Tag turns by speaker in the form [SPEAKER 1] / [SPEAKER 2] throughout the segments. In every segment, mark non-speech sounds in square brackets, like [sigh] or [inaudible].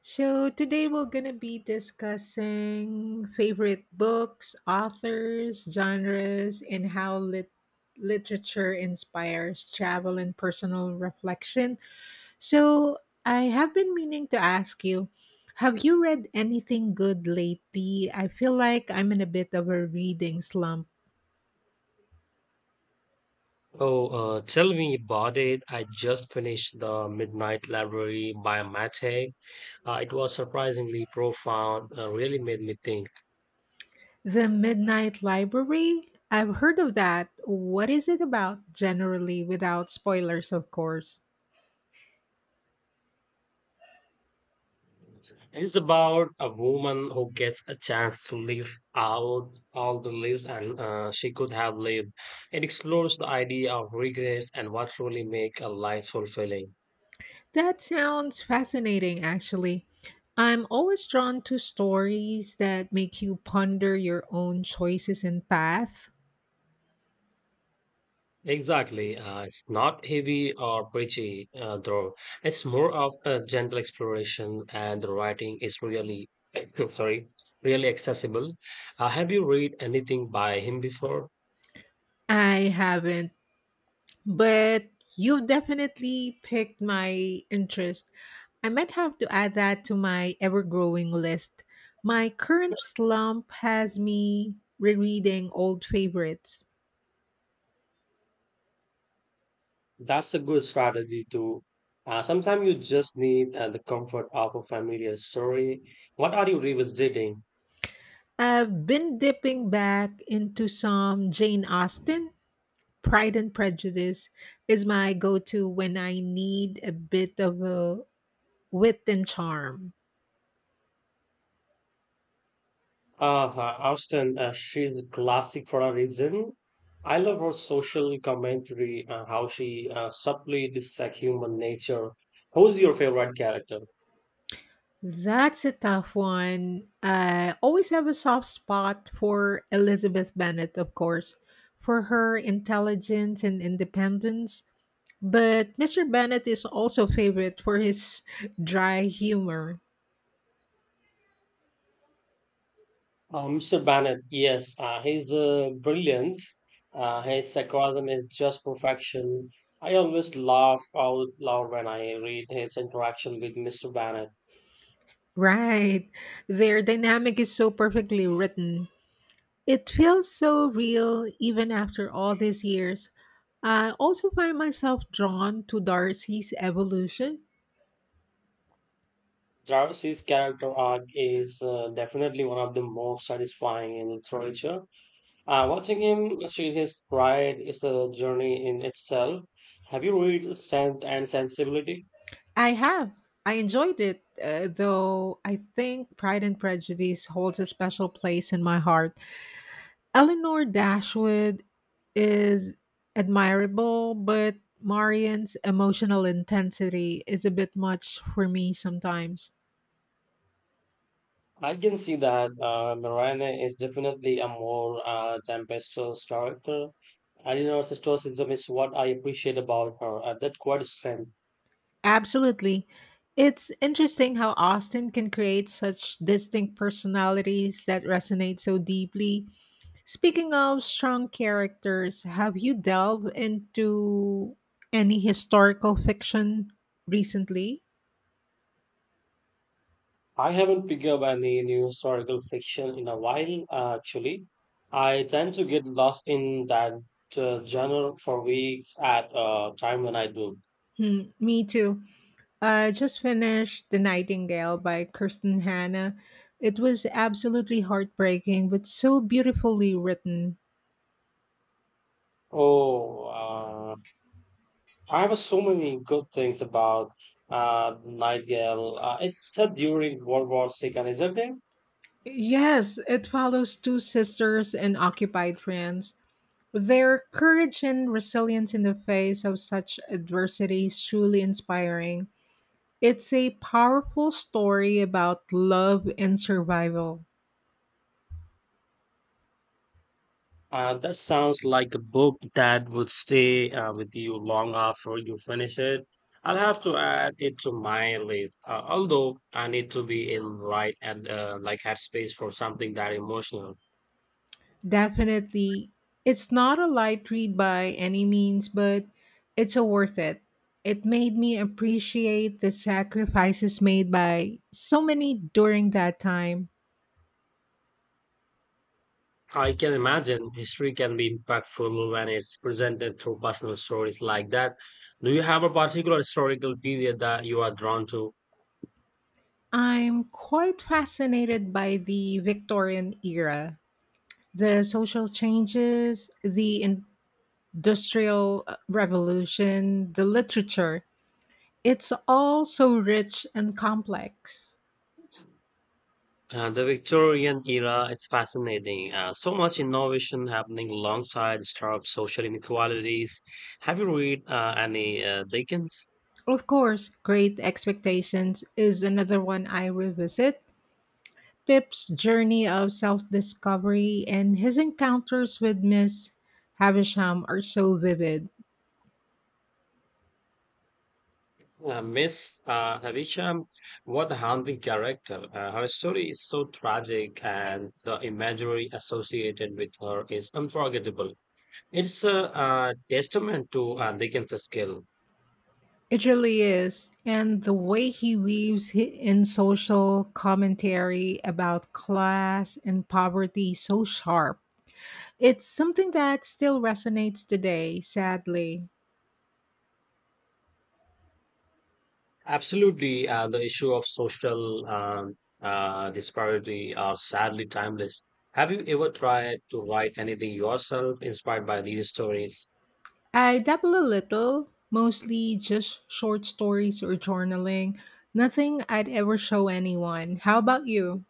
[SPEAKER 1] So today we're gonna be discussing favorite books, authors, genres, and how literature inspires travel and personal reflection. So, I have been meaning to ask you, have you read anything good lately? I feel like I'm in a bit of a reading slump.
[SPEAKER 2] Oh, tell me about it. I just finished The Midnight Library by Matt Haig. It was surprisingly profound, really made me think.
[SPEAKER 1] The Midnight Library? I've heard of that. What is it about generally, without spoilers, of course?
[SPEAKER 2] It's about a woman who gets a chance to live out all the lives and she could have lived. It explores the idea of regrets and what truly make a life fulfilling.
[SPEAKER 1] That sounds fascinating, actually. I'm always drawn to stories that make you ponder your own choices and path.
[SPEAKER 2] Exactly. It's not heavy or preachy, though. It's more of a gentle exploration, and the writing is really, [coughs] sorry, really accessible. Have you read anything by him before?
[SPEAKER 1] I haven't, but you've definitely piqued my interest. I might have to add that to my ever growing list. My current slump has me rereading old favorites.
[SPEAKER 2] That's a good strategy too. Sometimes you just need the comfort of a familiar story. What are you revisiting?
[SPEAKER 1] I've been dipping back into some Jane Austen. Pride and Prejudice is my go to when I need a bit of a wit and charm.
[SPEAKER 2] Austen, she's a classic for a reason. I love her social commentary, how she subtly dissects human nature. Who's your favorite character?
[SPEAKER 1] That's a tough one. I always have a soft spot for Elizabeth Bennet, of course, for her intelligence and independence. But Mr. Bennet is also favorite for his [laughs] dry humor.
[SPEAKER 2] Mr. Bennett, yes, he's brilliant. His sarcasm is just perfection. I always laugh out loud when I read his interaction with Mr. Bennett.
[SPEAKER 1] Right. Their dynamic is so perfectly written. It feels so real even after all these years. I also find myself drawn to Darcy's evolution.
[SPEAKER 2] Jarvis's character arc is definitely one of the most satisfying in literature. Watching him achieve his pride is a journey in itself. Have you read Sense and Sensibility?
[SPEAKER 1] I have. I enjoyed it, though I think Pride and Prejudice holds a special place in my heart. Eleanor Dashwood is admirable, but Marian's emotional intensity is a bit much for me sometimes.
[SPEAKER 2] I can see that Narayana is definitely a more tempestuous character. Eleanor's stoicism is what I appreciate about her, that quite strength.
[SPEAKER 1] Absolutely. It's interesting how Austin can create such distinct personalities that resonate so deeply. Speaking of strong characters, have you delved into any historical fiction recently?
[SPEAKER 2] I haven't picked up any new historical fiction in a while, actually. I tend to get lost in that genre for weeks at a time when I do.
[SPEAKER 1] Hmm, me too. I just finished The Nightingale by Kirsten Hanna. It was absolutely heartbreaking, but so beautifully written.
[SPEAKER 2] Oh, I have so many good things about Nightingale. It's set during World War Two, isn't it?
[SPEAKER 1] Yes, it follows two sisters in occupied France. Their courage and resilience in the face of such adversity is truly inspiring. It's a powerful story about love and survival.
[SPEAKER 2] That sounds like a book that would stay with you long after you finish it. I'll have to add it to my list. Although I need to be in right and like have space for something that emotional.
[SPEAKER 1] Definitely, it's not a light read by any means, but it's a worth it. It made me appreciate the sacrifices made by so many during that time.
[SPEAKER 2] I can imagine history can be impactful when it's presented through personal stories like that. Do you have a particular historical period that you are drawn to?
[SPEAKER 1] I'm quite fascinated by the Victorian era, the social changes, the industrial revolution, the literature. It's all so rich and complex.
[SPEAKER 2] The Victorian era is fascinating. So much innovation happening alongside stark social inequalities. Have you read any Dickens?
[SPEAKER 1] Of course, Great Expectations is another one I revisit. Pip's journey of self discovery and his encounters with Miss Havisham are so vivid.
[SPEAKER 2] Miss Havisham, what a haunting character. Her story is so tragic, and the imagery associated with her is unforgettable. It's a testament to Dickens' skill.
[SPEAKER 1] It really is. And the way he weaves in social commentary about class and poverty so sharp. It's something that still resonates today, sadly.
[SPEAKER 2] Absolutely, the issue of social disparity are sadly timeless. Have you ever tried to write anything yourself inspired by these stories?
[SPEAKER 1] I dabble a little, mostly just short stories or journaling. Nothing I'd ever show anyone. How about you?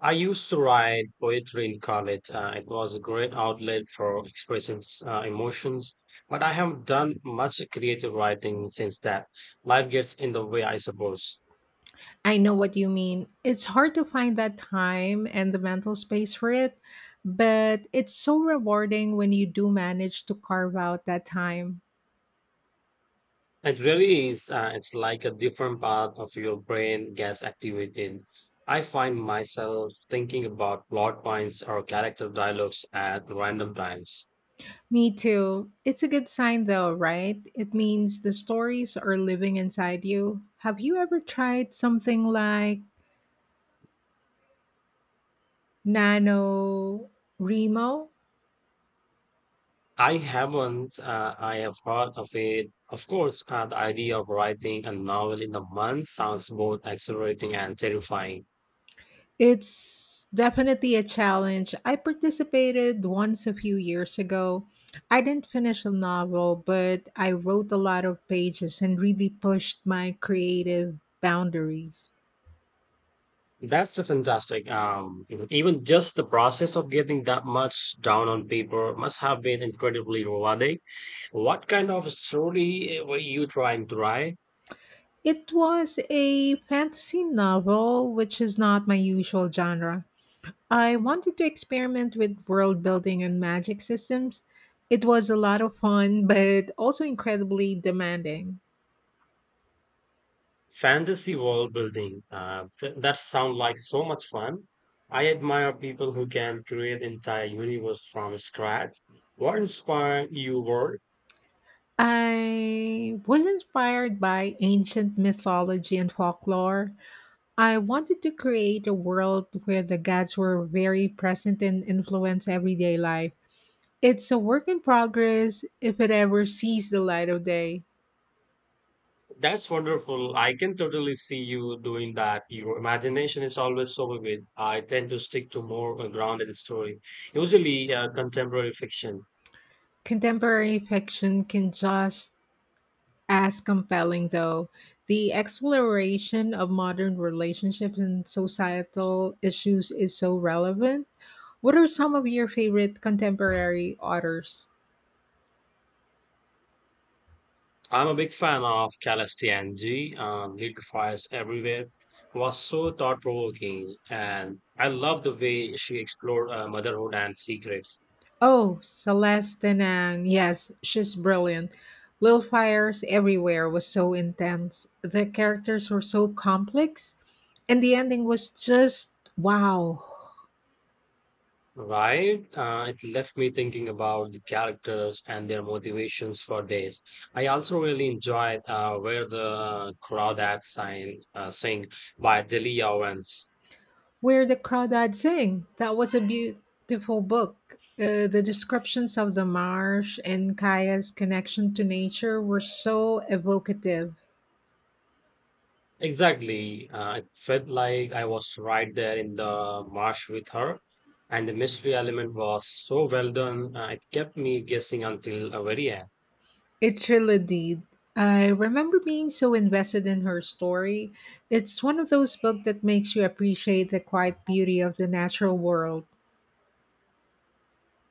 [SPEAKER 2] I used to write poetry in college. It was a great outlet for expressing emotions, but I haven't done much creative writing since that. Life gets in the way, I suppose.
[SPEAKER 1] I know what you mean. It's hard to find that time and the mental space for it, but it's so rewarding when you do manage to carve out that time.
[SPEAKER 2] It really is. It's like a different part of your brain gets activated. I find myself thinking about plot points or character dialogues at random times.
[SPEAKER 1] Me too. It's a good sign though, right? It means the stories are living inside you. Have you ever tried something like nano remo?
[SPEAKER 2] I haven't. I have heard of it. Of course, the idea of writing a novel in a month sounds both exhilarating and terrifying.
[SPEAKER 1] It's definitely a challenge. I participated once a few years ago. I didn't finish a novel, but I wrote a lot of pages and really pushed my creative boundaries.
[SPEAKER 2] That's a fantastic. Even just the process of getting that much down on paper must have been incredibly rewarding. What kind of story were you trying to write?
[SPEAKER 1] It was a fantasy novel, which is not my usual genre. I wanted to experiment with world building and magic systems. It was a lot of fun, but also incredibly demanding.
[SPEAKER 2] Fantasy world building. That sounds like so much fun. I admire people who can create entire universe from scratch. What inspired you world?
[SPEAKER 1] I was inspired by ancient mythology and folklore. I wanted to create a world where the gods were very present and influence everyday life. It's a work in progress if it ever sees the light of day.
[SPEAKER 2] That's wonderful. I can totally see you doing that. Your imagination is always so vivid. I tend to stick to more grounded story, usually contemporary fiction.
[SPEAKER 1] Contemporary fiction can just as compelling though. The exploration of modern relationships and societal issues is so relevant. What are some of your favorite contemporary authors?
[SPEAKER 2] I'm a big fan of Calistianji and Little Fires Everywhere was so thought provoking and I love the way she explored motherhood and secrets.
[SPEAKER 1] Oh, Celeste Denang. Yes, she's brilliant. Little Fires Everywhere was so intense. The characters were so complex. And the ending was just wow.
[SPEAKER 2] Right? It left me thinking about the characters and their motivations for days. I also really enjoyed Where the Crawdads Sing, Sing by Delia Owens.
[SPEAKER 1] Where the Crawdads Sing. That was a beautiful book. The descriptions of the marsh and Kaya's connection to nature were so evocative.
[SPEAKER 2] Exactly. It felt like I was right there in the marsh with her, and the mystery element was so well done. It kept me guessing until the very end.
[SPEAKER 1] It really did. I remember being so invested in her story. It's one of those books that makes you appreciate the quiet beauty of the natural world.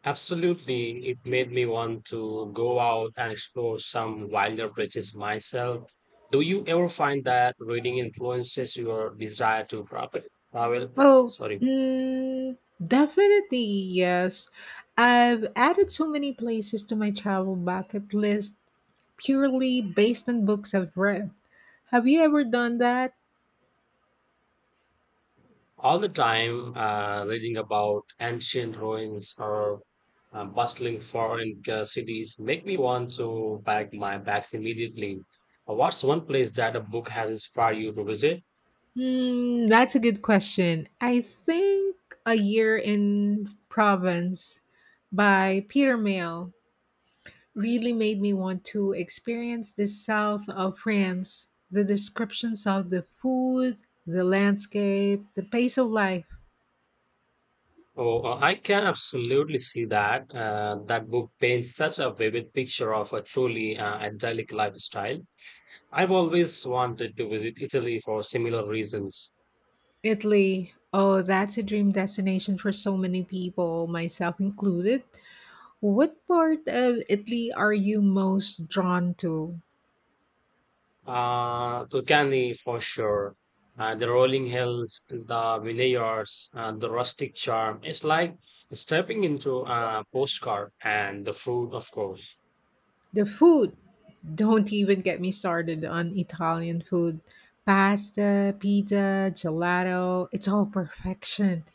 [SPEAKER 2] Absolutely, it made me want to go out and explore some wilder places myself. Do you ever find that reading influences your desire to travel? Travel?
[SPEAKER 1] Oh,
[SPEAKER 2] Sorry.
[SPEAKER 1] mm, definitely, yes. I've added so many places to my travel bucket list purely based on books I've read. Have you ever done that?
[SPEAKER 2] All the time reading about ancient ruins or bustling foreign cities make me want to pack my bags immediately. What's one place that a book has inspired you to visit?
[SPEAKER 1] Hmm, that's a good question. I think A Year in Province by Peter Mayle really made me want to experience the south of France. The descriptions of the food, the landscape, the pace of life.
[SPEAKER 2] Oh, I can absolutely see that. That book paints such a vivid picture of a truly idyllic lifestyle. I've always wanted to visit Italy for similar reasons.
[SPEAKER 1] Italy, oh, that's a dream destination for so many people, myself included. What part of Italy are you most drawn to?
[SPEAKER 2] Tulkarni for sure. The rolling hills, the vineyards, the rustic charm. It's like stepping into a postcard and the food, of course.
[SPEAKER 1] The food. Don't even get me started on Italian food. Pasta, pizza, gelato, it's all perfection.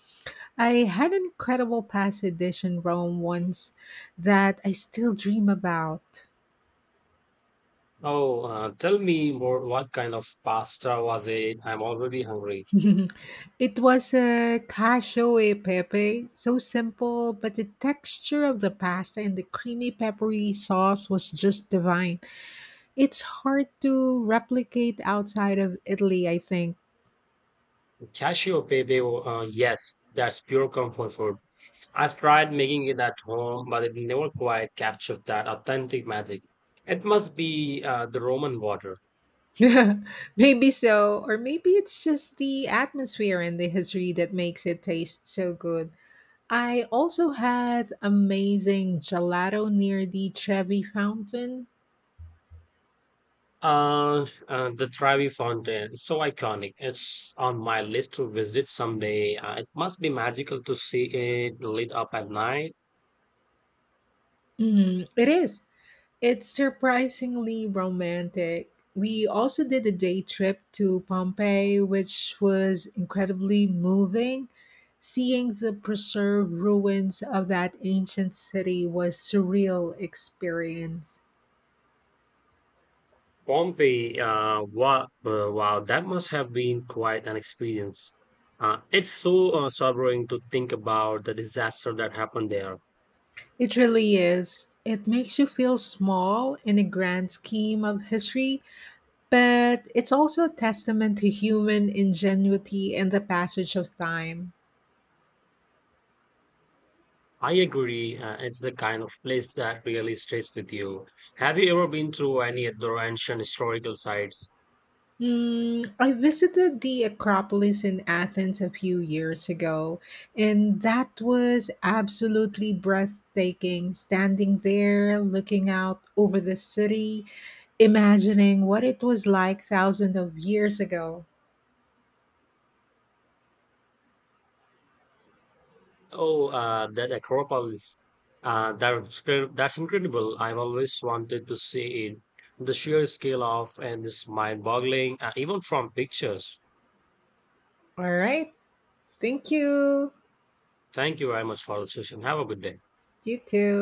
[SPEAKER 1] I had an incredible pasta dish in Rome once that I still dream about.
[SPEAKER 2] Oh, tell me more. What kind of pasta was it? I'm already hungry.
[SPEAKER 1] [laughs] It was a cacio e pepe, so simple, but the texture of the pasta and the creamy peppery sauce was just divine. It's hard to replicate outside of Italy, I think.
[SPEAKER 2] Cashew pepe. Yes, that's pure comfort food. I've tried making it at home, but it never quite captured that authentic magic. It must be the Roman water.
[SPEAKER 1] [laughs] Maybe so, or maybe it's just the atmosphere and the history that makes it taste so good. I also had amazing gelato near the Trevi Fountain.
[SPEAKER 2] Uh, the Trevi Fountain, so iconic. It's on my list to visit someday. It must be magical to see it lit up at night.
[SPEAKER 1] Mm, it is. It's surprisingly romantic. We also did a day trip to Pompeii, which was incredibly moving. Seeing the preserved ruins of that ancient city was surreal experience.
[SPEAKER 2] Pompeii, wow, wow, that must have been quite an experience. It's so sobering to think about the disaster that happened there.
[SPEAKER 1] It really is. It makes you feel small in the grand scheme of history, but it's also a testament to human ingenuity and the passage of time.
[SPEAKER 2] I agree, it's the kind of place that really stays with you. Have you ever been to any other ancient historical sites?
[SPEAKER 1] Mm, I visited the Acropolis in Athens a few years ago, and that was absolutely breathtaking standing there, looking out over the city, imagining what it was like thousands of years ago.
[SPEAKER 2] Oh, that Acropolis. That's incredible. I've always wanted to see it. The sheer scale of and is mind-boggling, even from pictures.
[SPEAKER 1] All right, thank you.
[SPEAKER 2] Thank you very much for the session. Have a good day.
[SPEAKER 1] You too.